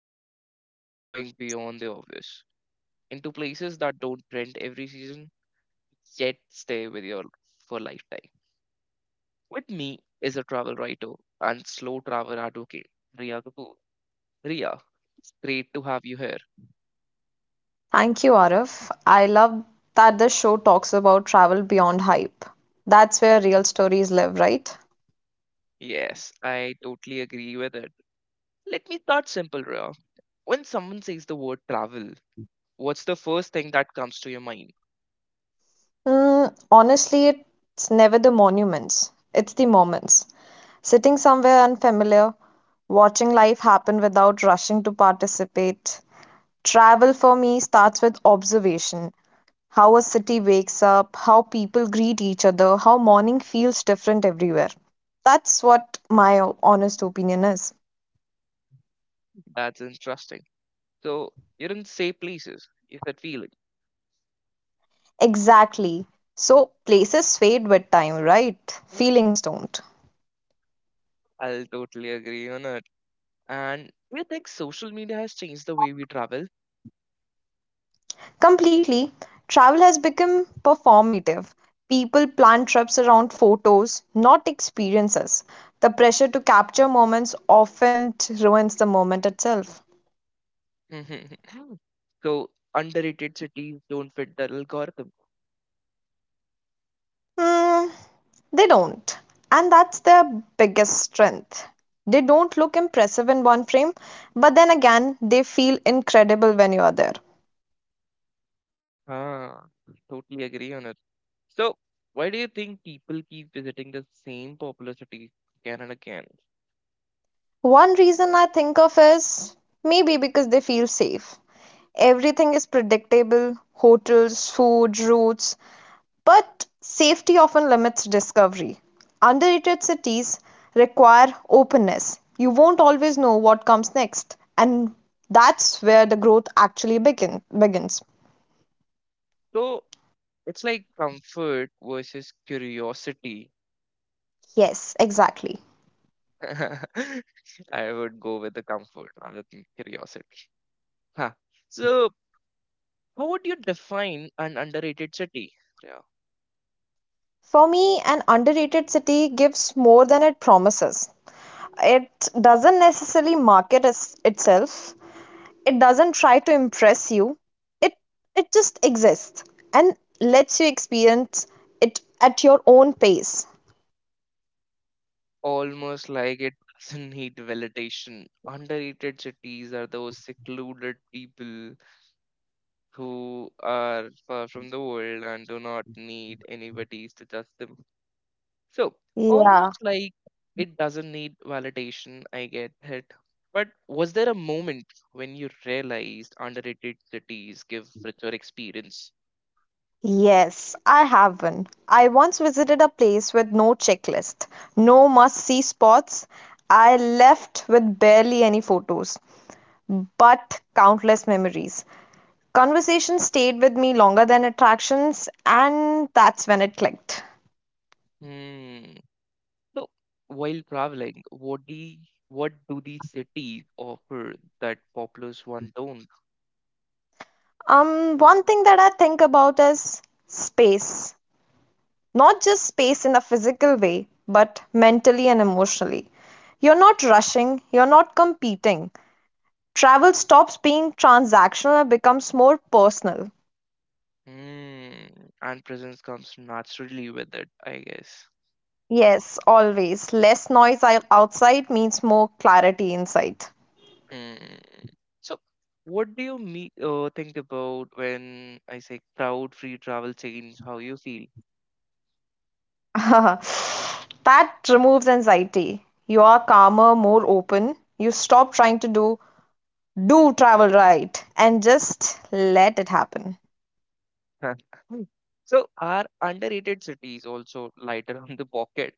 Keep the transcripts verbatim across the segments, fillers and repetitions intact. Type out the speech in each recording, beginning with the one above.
but today we're going beyond the obvious into places that don't trend every season yet stay with you for a lifetime. With me is a travel writer and slow travel advocate, Ria Kapoor. Ria, it's great to have you here. Thank you, Arif. I love that this show talks about travel beyond hype. That's where real stories live, right? Yes, I totally agree with it. Let me start simple, Ria. When someone says the word travel, what's the first thing that comes to your mind? Mm, honestly, it's never the monuments, it's the moments. Sitting somewhere unfamiliar, watching life happen without rushing to participate. Travel for me starts with observation how a city wakes up, how people greet each other, how morning feels different everywhere. That's what my honest opinion is. That's interesting. So you didn't say places. You said feeling. Exactly. So places fade with time, right? Feelings don't. I'll totally agree on it. And do you think social media has changed the way we travel? Completely. Travel has become performative. People plan trips around photos, not experiences. The pressure to capture moments often ruins the moment itself. So underrated cities don't fit the algorithm. Mm, they don't. And that's their biggest strength. They don't look impressive in one frame, but then again, they feel incredible when you are there. Ah, totally agree on it. So why do you think people keep visiting the same popular cities again and again? One reason I think of is maybe because they feel safe. Everything is predictable hotels, food, routes, but safety often limits discovery. Underrated cities require openness. You won't always know what comes next, and that's where the growth actually begin, begins. So it's like comfort versus curiosity. Yes, exactly. I would go with the comfort rather than curiosity. Huh. So, how would you define an underrated city? Yeah. For me, an underrated city gives more than it promises. It doesn't necessarily market as itself. It doesn't try to impress you. It it just exists and lets you experience it at your own pace. Almost like it doesn't need validation. Underrated cities are those secluded people who are far from the world and do not need anybody to judge them. So Yeah. almost like it doesn't need validation, I get it. But was there a moment when you realized underrated cities give richer experience? Yes, I have one. I once visited a place with no checklist, no must-see spots. I left with barely any photos, but countless memories. Conversations stayed with me longer than attractions, and that's when it clicked. Hmm. So while traveling, what do what do these cities offer that popular one don't? Um, one thing that I think about is space. Not just space in a physical way, but mentally and emotionally. You're not rushing, you're not competing. Travel stops being transactional and becomes more personal. Hmm. And presence comes naturally with it, I guess. Yes, always. Less noise outside means more clarity inside. Hmm. So what do you me- uh, think about when I say crowd-free travel change how you feel? That removes anxiety. You are calmer, more open. You stop trying to do do travel right and just let it happen. So are underrated cities also lighter on the pocket?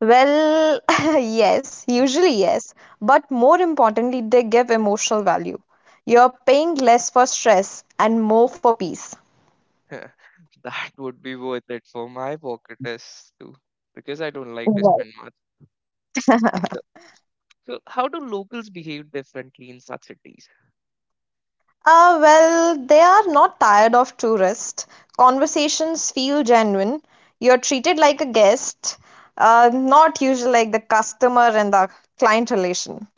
Well, yes, usually yes, but more importantly, they give emotional value. You're paying less for stress and more for peace. That would be worth it for my pocket is too, because I don't like to spend much. So, so how do locals behave differently in such cities? Ah, well, they are not tired of tourists. Conversations feel genuine. You're treated like a guest, uh, not usually like the customer and the client relation.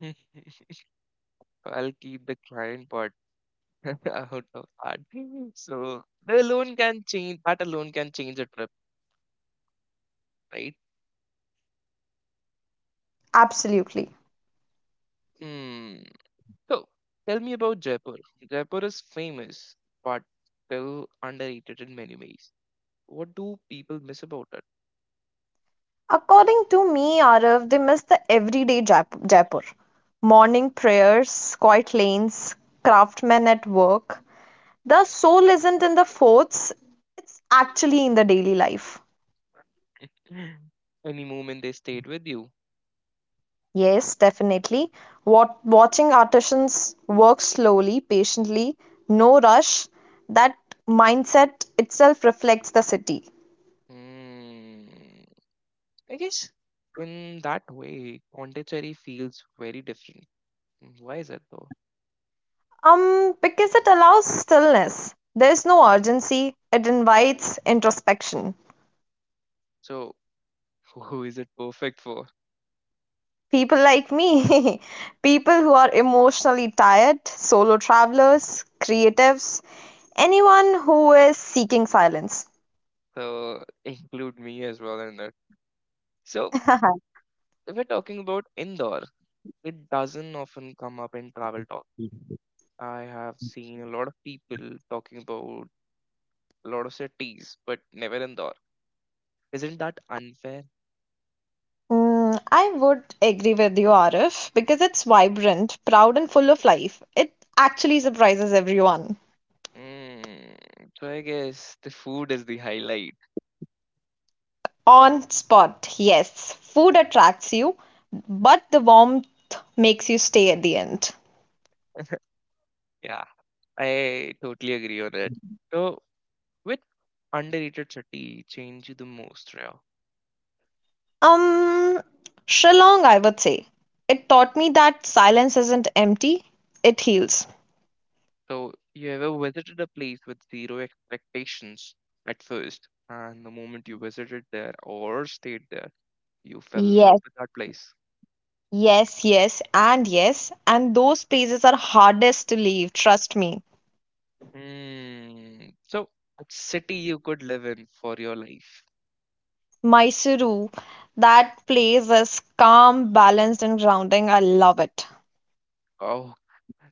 Hmm, I'll keep the client part out of that. So the alone can change that alone can change a trip, right? Absolutely. Hmm. So tell me about Jaipur. Jaipur is famous, but still underrated in many ways. What do people miss about it? According to me, Arav, they miss the everyday Jap- Jaipur. Morning prayers, quiet lanes, craftsmen at work. The soul isn't in the forts, it's actually in the daily life. Any moment they stayed with you? Yes, definitely. Wat- watching artisans work slowly, patiently, no rush, that mindset itself reflects the city. Hmm. I guess in that way, Pondicherry feels very different. Mm, why is it though? Um, because it allows stillness. There's no urgency, it invites introspection. So, who is it perfect for? People like me, people who are emotionally tired, solo travelers, creatives, anyone who is seeking silence. So, include me as well in that. So, if we're talking about Indore, it doesn't often come up in travel talk. I have seen a lot of people talking about a lot of cities, but never Indore. Isn't that unfair? Mm, I would agree with you, Arif, because it's vibrant, proud, and full of life. It actually surprises everyone. Mm, so I guess the food is the highlight. On spot, yes, food attracts you, but the warmth makes you stay at the end. Yeah, I totally agree on that. So, which underrated city changed you the most, Rao? Um, Shillong, I would say. It taught me that silence isn't empty, it heals. So, you ever visited a place with zero expectations at first, and the moment you visited there or stayed there, you fell in Yes, love with that place? yes, yes, and yes, and those places are hardest to leave, trust me. Mm, so, a city you could live in for your life. Mysuru, that place is calm, balanced, and grounding. I love it. Oh,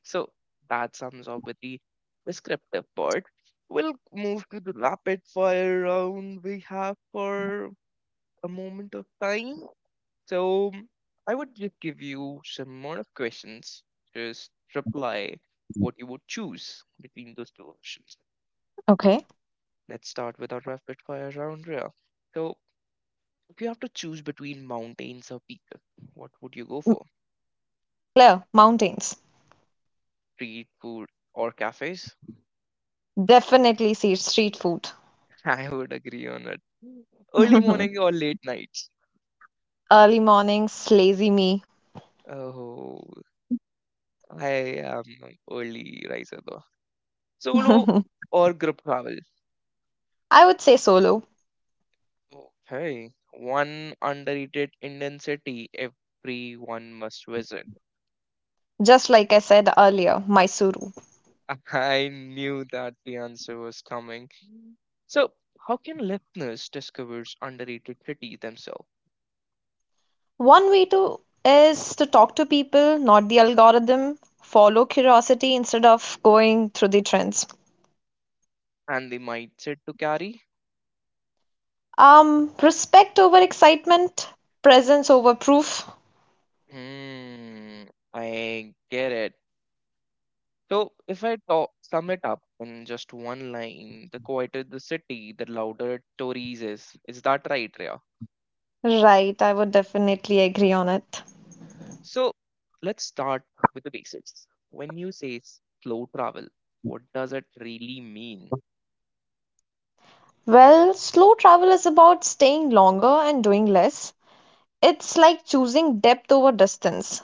so that sums up with the descriptive part. We'll move to the rapid fire round we have for a moment of time. So I would just give you some more of questions. Just reply what you would choose between those two options. Okay. Let's start with our rapid fire round, Rhea. So if you have to choose between mountains or pizza, what would you go for? Clear, mountains. Street food or cafes? Definitely see street food. I would agree on it. Early morning or late nights? Early mornings, lazy me. Oh, I am an early riser though. Solo or group travel? I would say solo, Okay. One underrated Indian city everyone must visit. just like I said earlier, Mysuru. I knew that the answer was coming. So, how can listeners discover underrated cities themselves One way to is to talk to people, not the algorithm. Follow curiosity instead of going through the trends. and the mindset to carry? Um, respect over excitement, presence over proof. Hmm, I get it. So, if I talk, sum it up in just one line, the quieter the city, the louder it stories is. Is that right, Rhea? Right, I would definitely agree on it. So, let's start with the basics. When you say slow travel, what does it really mean? Well, slow travel is about staying longer and doing less. It's like choosing depth over distance.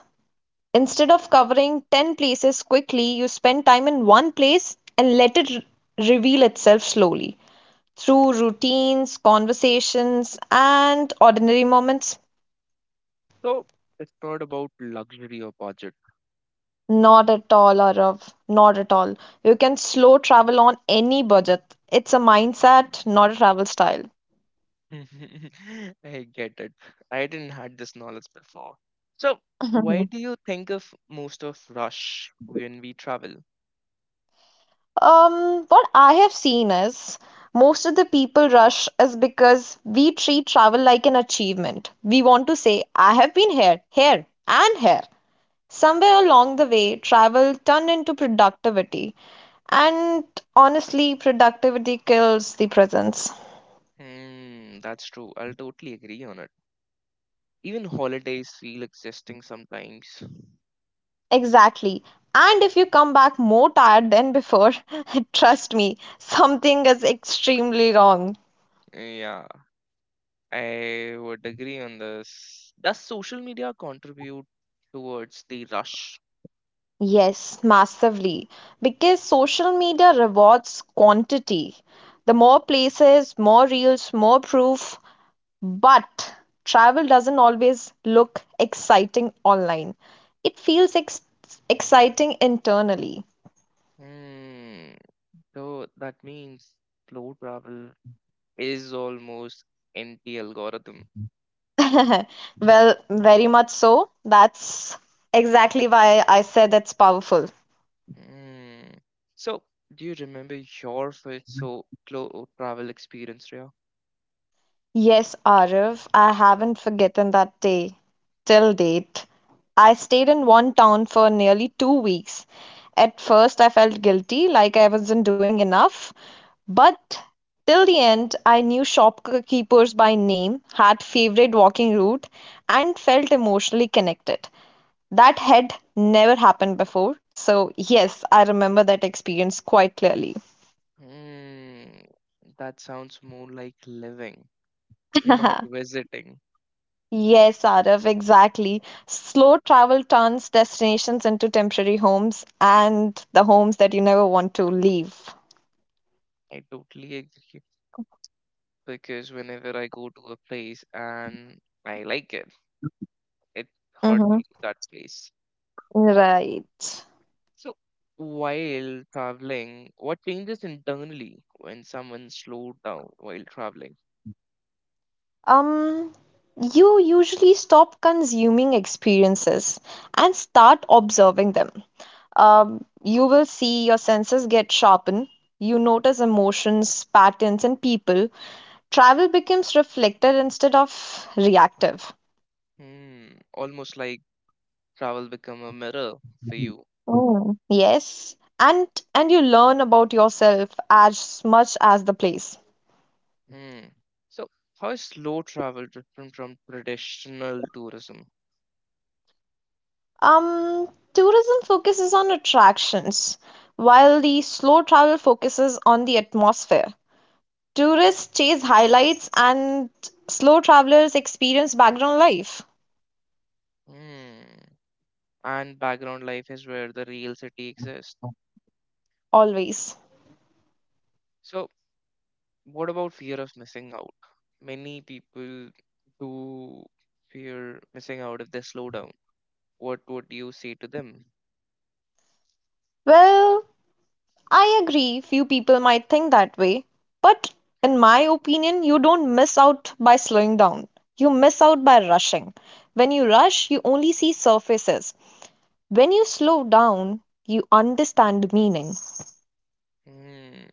Instead of covering ten places quickly, you spend time in one place and let it re- reveal itself slowly. Through routines, conversations, and ordinary moments? So, it's not about luxury or budget. Not at all, Arav. Not at all. You can slow travel on any budget. It's a mindset, not a travel style. I get it. I didn't had this knowledge before. So, why Mhm. do you think of most of rush when we travel? Um, what I have seen is most of the people rush is because we treat travel like an achievement. We want to say, I have been here, here, and here. Somewhere along the way, travel turned into productivity. And honestly, productivity kills the presence. Hmm, that's true. I'll totally agree on it. Even holidays feel existing sometimes. Exactly. And if you come back more tired than before, trust me, something is extremely wrong. Yeah, I would agree on this. Does social media contribute towards the rush? Yes, massively. Because social media rewards quantity. The more places, more reels, more proof. But travel doesn't always look exciting online. It feels ex- exciting internally. Hmm. So that means slow travel is almost anti algorithm. Well, very much so. That's exactly why I said it's powerful. Hmm. So do you remember your first so slow travel experience, Rhea? Yes, Arif, I haven't forgotten that day. Till date. I stayed in one town for nearly two weeks. At first, I felt guilty, like I wasn't doing enough. But, till the end, I knew shopkeepers by name, had favorite walking route, and felt emotionally connected. That had never happened before. So, yes, I remember that experience quite clearly. Hmm. That sounds more like living, not visiting. Yes, Arav, exactly. Slow travel turns destinations into temporary homes and the homes that you never want to leave. I totally agree, because whenever I go to a place and I like it, it's hard to Mm-hmm. leave that place. Right. So, while traveling, what changes internally when someone slowed down while traveling? um, you usually stop consuming experiences and start observing them. Um, you will see your senses get sharpened. You notice emotions, patterns, and people. Travel becomes reflective instead of reactive. Hmm, almost like travel become a mirror for you. Oh yes, and and you learn about yourself as much as the place. Hmm. So, how is slow travel different from traditional tourism? Um, Tourism focuses on attractions, while the slow travel focuses on the atmosphere. Tourists chase highlights and slow travelers experience background life. Hmm. And background life is where the real city exists. Always. So, what about fear of missing out? Many people do fear missing out if they slow down. What would you say to them? Well, I agree, few people might think that way. But in my opinion, you don't miss out by slowing down. You miss out by rushing. When you rush, you only see surfaces. When you slow down, you understand meaning. Hmm.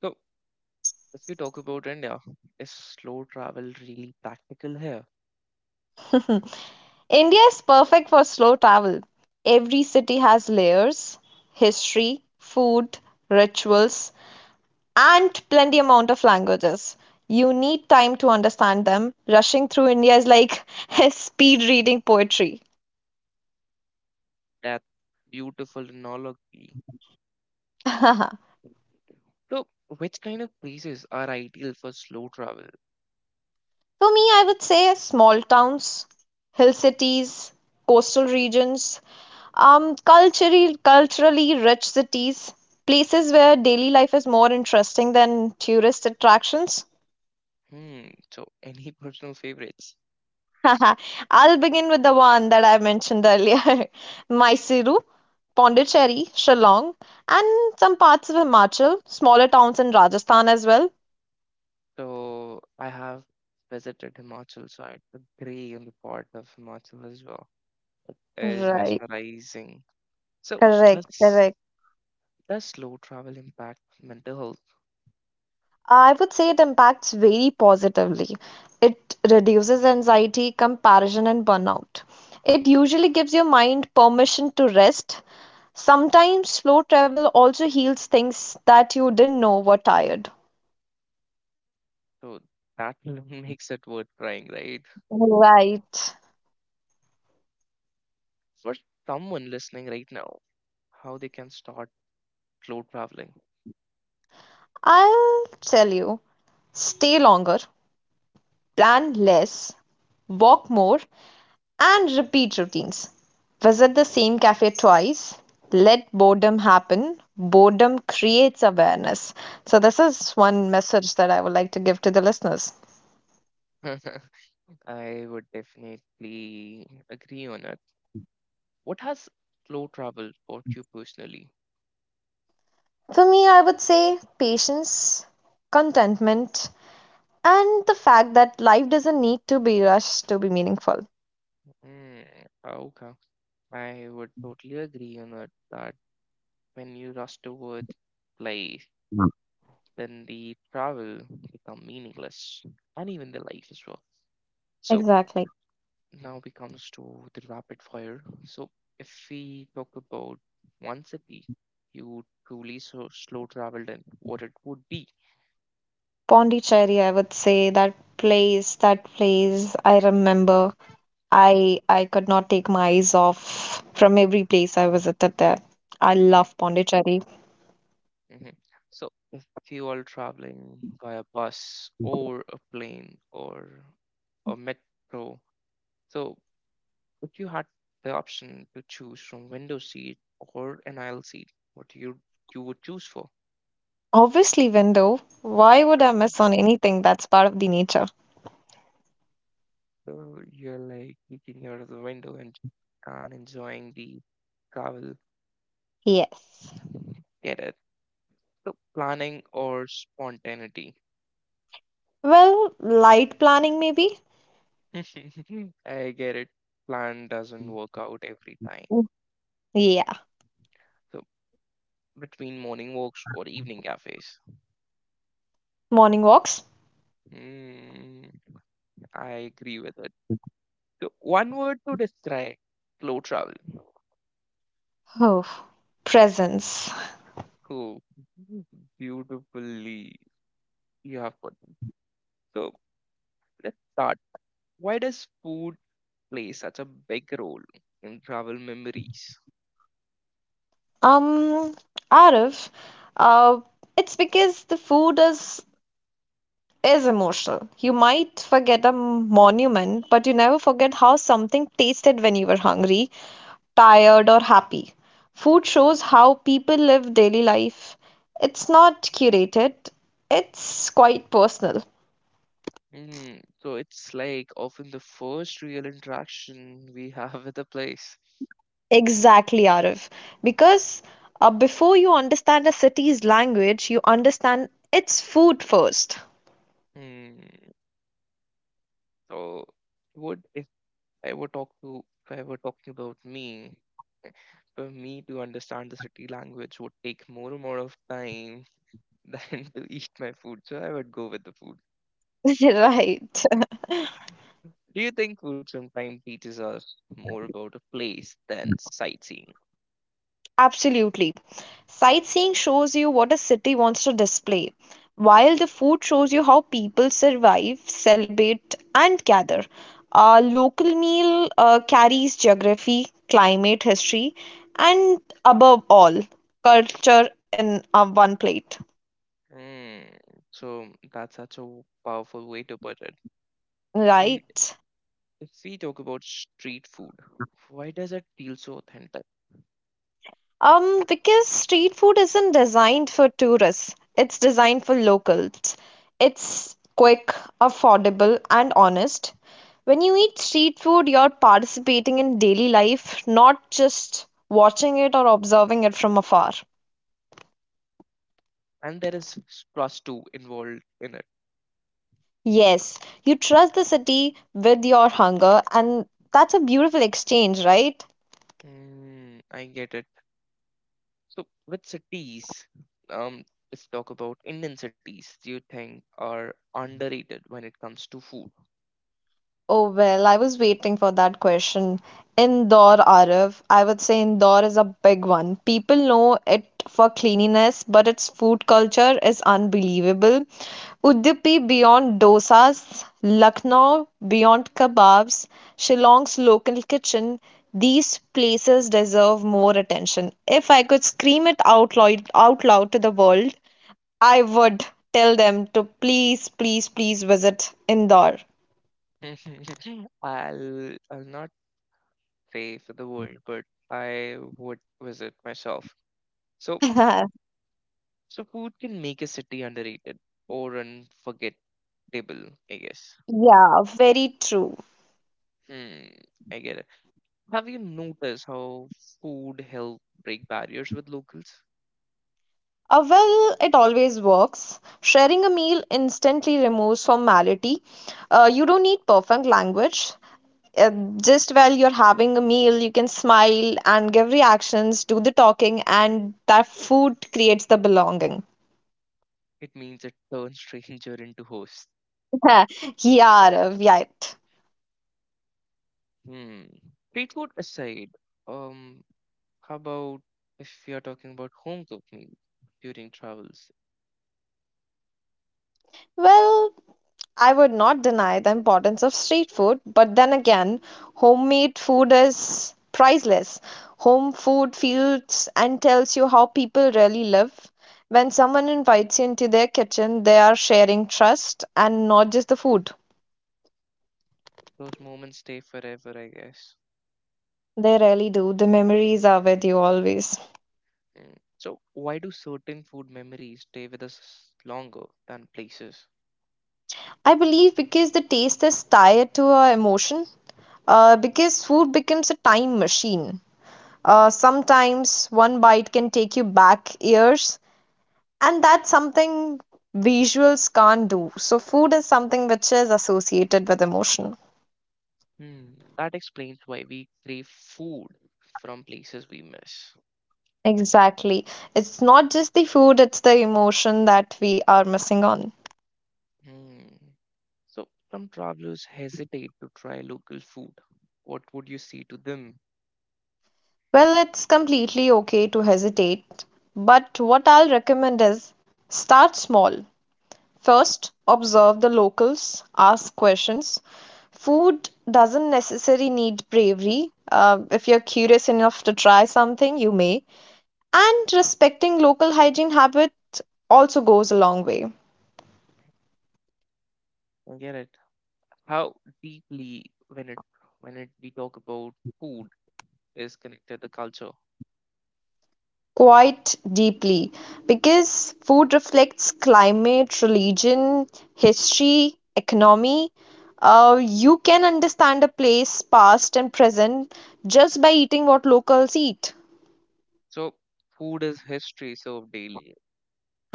So, if you talk about India, is slow travel really practical here? India is perfect for slow travel. Every city has layers, history, food, rituals, and plenty amount of languages. You need time to understand them. Rushing through India is like speed reading poetry. That's beautiful analogy. For So, which kind of places are ideal for slow travel? me, I would say small towns, hill cities, coastal regions, um, culturally culturally rich cities, places where daily life is more interesting than tourist attractions. Hmm. So, any personal favorites? I'll begin with the one that I mentioned earlier Mysuru, Pondicherry, Shillong, and some parts of Himachal, smaller towns in Rajasthan as well. So, I have visited Himachal side, the grey on the part of Himachal as well is Right, mesmerizing. So correct, does correct. does slow travel impact mental health? I would say it impacts very positively. It reduces anxiety, comparison, and burnout. It usually gives your mind permission to rest. Sometimes slow travel also heals things that you didn't know were tired. So that alone makes it worth trying, right? Right. For someone listening right now, how they can start slow traveling. I'll tell you stay longer, plan less, walk more, and repeat routines. Visit the same cafe twice. Let boredom happen. Boredom creates awareness. So, this is one message that I would like to give to the listeners. I would definitely agree on it. What has slow travel taught you personally? For me, I would say patience, contentment, and the fact that life doesn't need to be rushed to be meaningful. Mm, okay, I would totally agree on it that when you rush towards life, then the travel become meaningless and even the life as well. So Exactly. now we comes to the rapid fire. So if we talk about one city you truly so slow traveled in, what it would be. Pondicherry, I would say that place, that place I remember I I could not take my eyes off from every place I visited there. I Mhm, love Pondicherry. mhm. So if you are traveling via bus or a plane or a metro, so if you had the option to choose from window seat or an aisle seat, what you you would choose for? Obviously, window. Why would I miss on anything that's part of the nature? So you're like looking out of the window and and enjoying the travel. Yes. Get it. So planning or spontaneity. Well, light planning maybe? I get it. Plan doesn't work out every time. Mm. Yeah. So between morning walks or evening cafes. Morning walks? Hmm, I agree with it. So one word to describe slow travel. Oh. Presence. Oh, beautifully you have put it. So let's start. Why does food play such a big role in travel memories? Um, Arif, uh, it's because the food is is emotional. You might forget a monument, but you never forget how something tasted when you were hungry, tired, or happy. Food shows how people live daily life. It's not curated, it's quite personal. Mm, so it's like often the first real interaction we have with a place. Exactly, Arif. Because uh, before you understand a city's language, you understand its food first. Hmm. So would if I were talk to if I were talking about me, for me to understand the city language would take more amount of time than to eat my food. So I would go with the food. So Right. do you think food sometimes teaches us more about a place than sightseeing? Absolutely. Sightseeing shows you what a city wants to display, while the food shows you how people survive, celebrate, and gather. A local meal uh, carries geography, climate, history, and above all, culture in uh, one plate. Hmm, so that's such a powerful way to put it. Mm. Right. If we talk about street food, why does it feel so authentic? Um, because street food isn't designed for tourists, it's designed for locals. It's quick, affordable, and honest. When you eat street food, you're participating in daily life, not just watching it or observing it from afar. And there is trust too involved in it. Yes, you trust the city with your hunger, and that's a beautiful exchange, right? Hmm, I get it. So with cities, um, let's talk about Indian cities. Do you think are underrated when it comes to food? Oh, well, I was waiting for that question. Indore, Arif, I would say Indore is a big one. People know it for cleanliness, but its food culture is unbelievable. Udupi beyond dosas, Lucknow beyond kebabs, Shillong's local kitchen, these places deserve more attention. If I could scream it out loud, out loud to the world, I would tell them to please, please, please visit Indore. I'll I'll not say for the world, but I would visit myself. So so food can make a city underrated or unforgettable, I guess. Yeah, very true. Hmm, I get it. Have you noticed how food help break barriers with locals? Uh, well, it always works. Sharing a meal instantly removes formality. Uh, you don't need perfect language. Uh, just while you're having a meal, you can smile and give reactions, do the talking, and that food creates the belonging. It means it turns stranger into host. Yeah, Rav, right. Hmm. Street food aside, um, how about if you're talking about home cooked meal during travels? Well, I would not deny the importance of street food, but then again, homemade food is priceless. Home food feels and tells you how people really live. When someone invites you into their kitchen, they are sharing trust and not just the food. Those moments stay forever, I guess. They really do. The memories are with you always. Hmm. So why do certain food memories stay with us longer than places? I believe because the taste is tied to our emotion, uh, because food becomes a time machine. Uh, sometimes one bite can take you back years, and that's something visuals can't do, so food is something which is associated with emotion. Hmm. That explains why we crave food from places we miss. Exactly, it's not just the food, it's the emotion that we are missing on. Hmm. So some travelers hesitate to try local food. What would you say to them? Well, it's completely okay to hesitate, but what I'll recommend is start small. First, observe the locals, ask questions. Food doesn't necessarily need bravery. Uh, if you're curious enough to try something, you may. And respecting local hygiene habits also goes a long way, I get it. How deeply when it when it we talk about food is connected to culture. quite deeply, because food reflects climate, religion, history, economy. Uh, you can understand a place, past and present, just by eating what locals eat. So food is history served daily.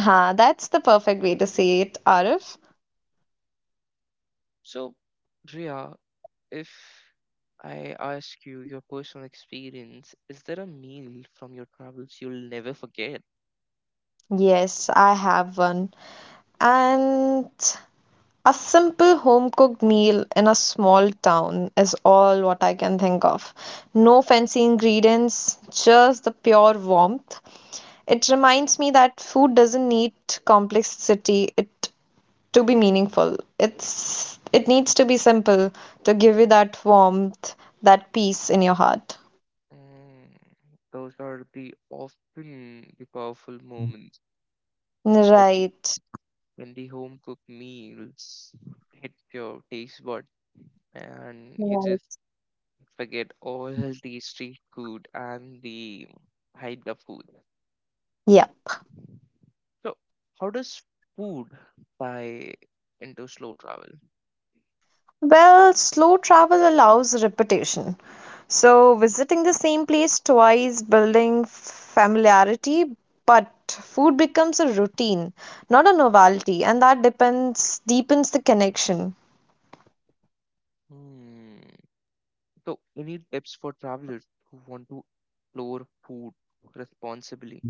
Huh, that's the perfect way to say it, Arif. So Drea, if I ask you your personal experience, is there a meal from your travels you'll never forget? Yes, I have one. And a simple home cooked meal in a small town is all what I can think of. No fancy ingredients, just the pure warmth. It reminds me that food doesn't need complexity it to be meaningful. It's it needs to be simple to give you that warmth, that peace in your heart. Mm, those are the often the powerful moments where the Right. when the home cooked meals hit your taste bud and you just Right. forget all the street food and the hype of food. Yeah. So, how does food tie into slow travel? Well, slow travel allows repetition. So, visiting the same place twice, building familiarity, but food becomes a routine, not a novelty, and that depends deepens the connection. Hmm. So, any tips for travelers who want to explore food responsibly?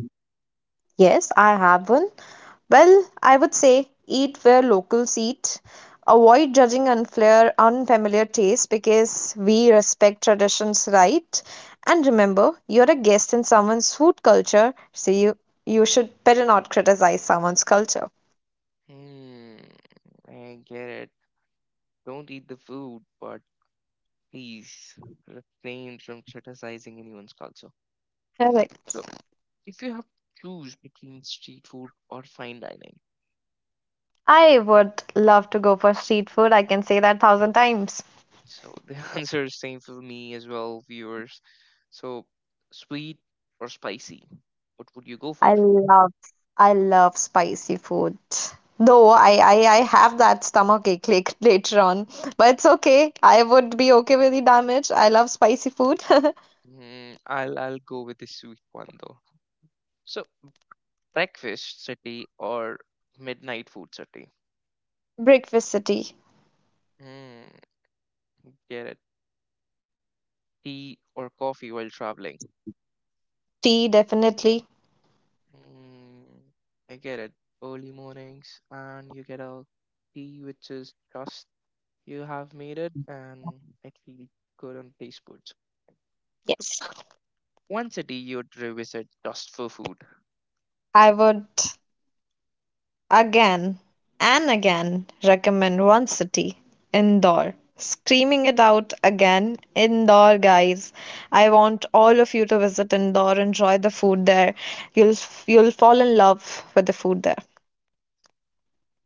Yes, I have one. Well, I would say eat where locals eat. Avoid judging unfamiliar, unfamiliar tastes because we respect traditions, right? And remember, you're a guest in someone's food culture, so you you should better not criticize someone's culture. Hmm. I get it. Don't eat the food, but please refrain from criticizing anyone's culture. So, Correct. if you have to choose between street food or fine dining, I would love to go for street food. I can say that thousand times. so the answer is same for me as well, viewers. So sweet or spicy, what would you go for? I love I love spicy food. Though I, I, I have that stomach ache like later on. But it's okay. I would be okay with the damage. I love spicy food. Mm, I'll I'll go with the sweet one though. So breakfast city or midnight food city? Breakfast city. Mm, get it. Tea or coffee while traveling? Tea definitely. Mm, I get it. Early mornings and you get a tea which is just you have made it, and I feel good on taste buds. So, Yes. one city you'd revisit just for food. I would Again and again, recommend one city, Indore. Screaming it out again, Indore, guys. I want all of you to visit Indore, enjoy the food there. You'll you'll fall in love with the food there.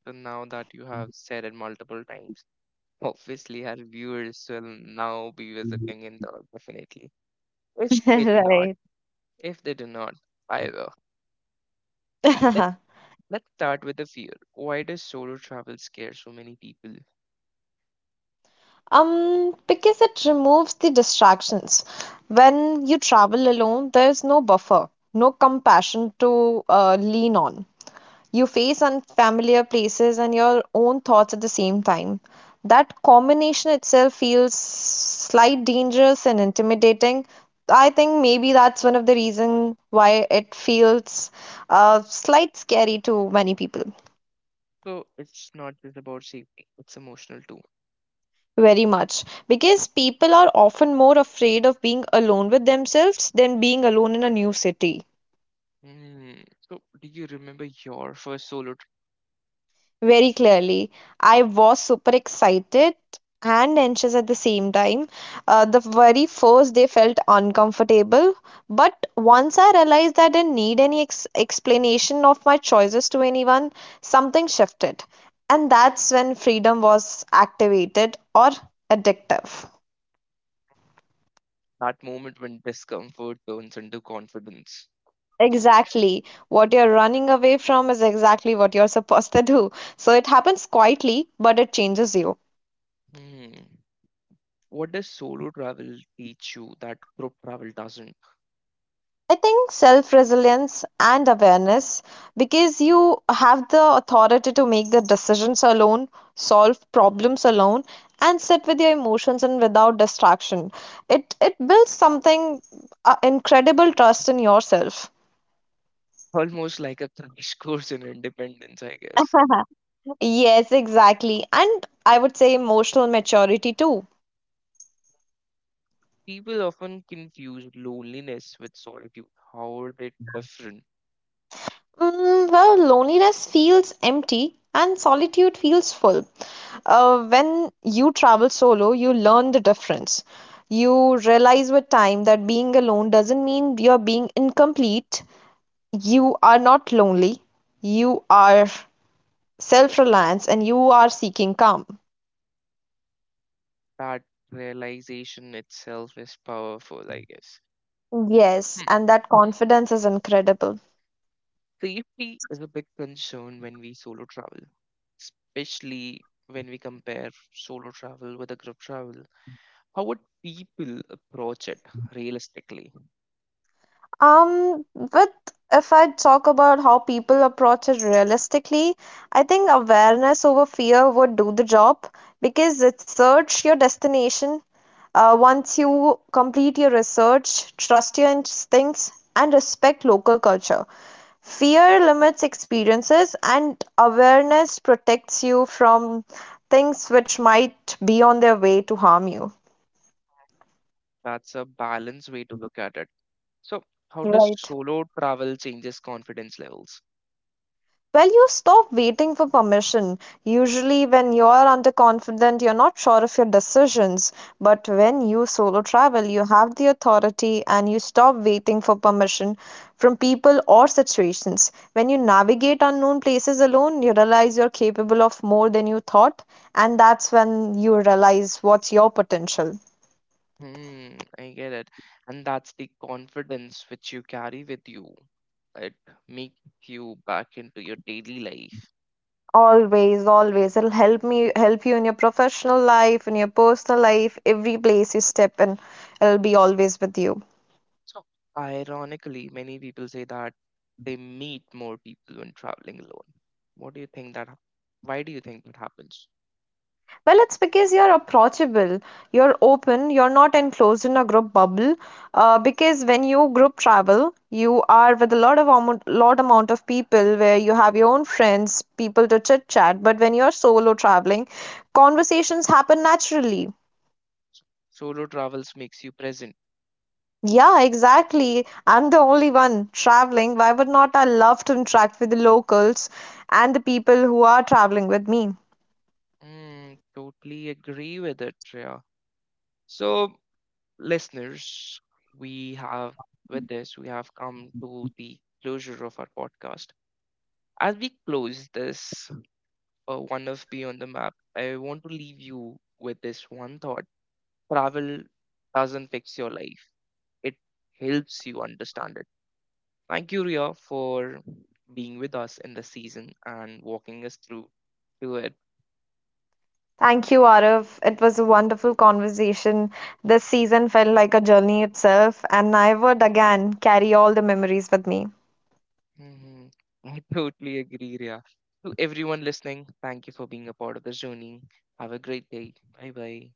So now that you have said it multiple times, obviously our viewers will now be visiting Indore definitely. If they do not, Right. if they do not, I will. Let Let's start with the fear. Why does solo travel scare so many people? Um, because it removes the distractions. When you travel alone, there's no buffer, no compassion to uh, lean on. You face unfamiliar places and your own thoughts at the same time. That combination itself feels slight dangerous and intimidating. I think maybe that's one of the reason why it feels uh, slight scary to many people. So it's not just about safety; it's emotional too. Very much. Because people are often more afraid of being alone with themselves than being alone in a new city. Hmm. So do you remember your first solo? Very clearly. I was super excited and anxious at the same time. Uh, the very first day felt uncomfortable, but once I realized that I didn't need any ex- explanation of my choices to anyone, something shifted. And that's when freedom was activated or addictive. That moment when discomfort turns into confidence. Exactly. What you're running away from is exactly what you're supposed to do. So it happens quietly, but it changes you. Hmm. What does solo travel teach you that group travel doesn't? I think self resilience and awareness, because you have the authority to make the decisions alone, solve problems alone, and sit with your emotions and without distraction. It it builds something uh, incredible trust in yourself. Almost like a crash course in independence, I guess. Uh-huh. Yes, exactly. And I would say emotional maturity too. People often confuse loneliness with solitude. How are they different? Mm, well, loneliness feels empty and solitude feels full. Uh, when you travel solo, you learn the difference. You realize with time that being alone doesn't mean you're being incomplete. You are not lonely. You are self-reliance and you are seeking calm. That realization itself is powerful, I guess. Yes, Hmm. and that confidence is incredible. Safety is a big concern when we solo travel, especially when we compare solo travel with a group travel. How would people approach it realistically? Um, with if I talk about how people approach it realistically, I think awareness over fear would do the job because it search your destination. Uh, once you complete your research, trust your instincts, and respect local culture. Fear limits experiences, and awareness protects you from things which might be on their way to harm you. That's a balanced way to look at it. So, how does Right. solo travel changes confidence levels? Well, you stop waiting for permission. Usually, when you're underconfident, you're not sure of your decisions. But when you solo travel, you have the authority and you stop waiting for permission from people or situations. When you navigate unknown places alone, you realize you're capable of more than you thought, and that's when you realize what's your potential. Hmm, I get it. And that's the confidence which you carry with you. It makes you back into your daily life. Always, always. It'll help me help you in your professional life, in your personal life, every place you step in. It'll be always with you. So, ironically, many people say that they meet more people when traveling alone. What do you think that? hap- Why do you think that happens? Well, it's because you're approachable, you're open, you're not enclosed in a group bubble. Uh, because when you group travel, you are with a lot of amount, lot amount of people where you have your own friends, people to chit chat. But when you're solo traveling, conversations happen naturally. Solo travels makes you present. Yeah, exactly. I'm the only one traveling. Why would not I love to interact with the locals and the people who are traveling with me? Mm, totally agree with it, Shreya. So, listeners, we have with this, we have come to the closure of our podcast. As we close this uh, one of Beyond the Map, I want to leave you with this one thought. Travel doesn't fix your life, it helps you understand it. Thank you, Ria, for being with us in the season and walking us through to it. Thank you, Arav. It was a wonderful conversation. This season felt like a journey itself, and I would again carry all the memories with me. Hmm, I totally agree, Ria. To everyone listening, thank you for being a part of the journey. Have a great day. Bye bye.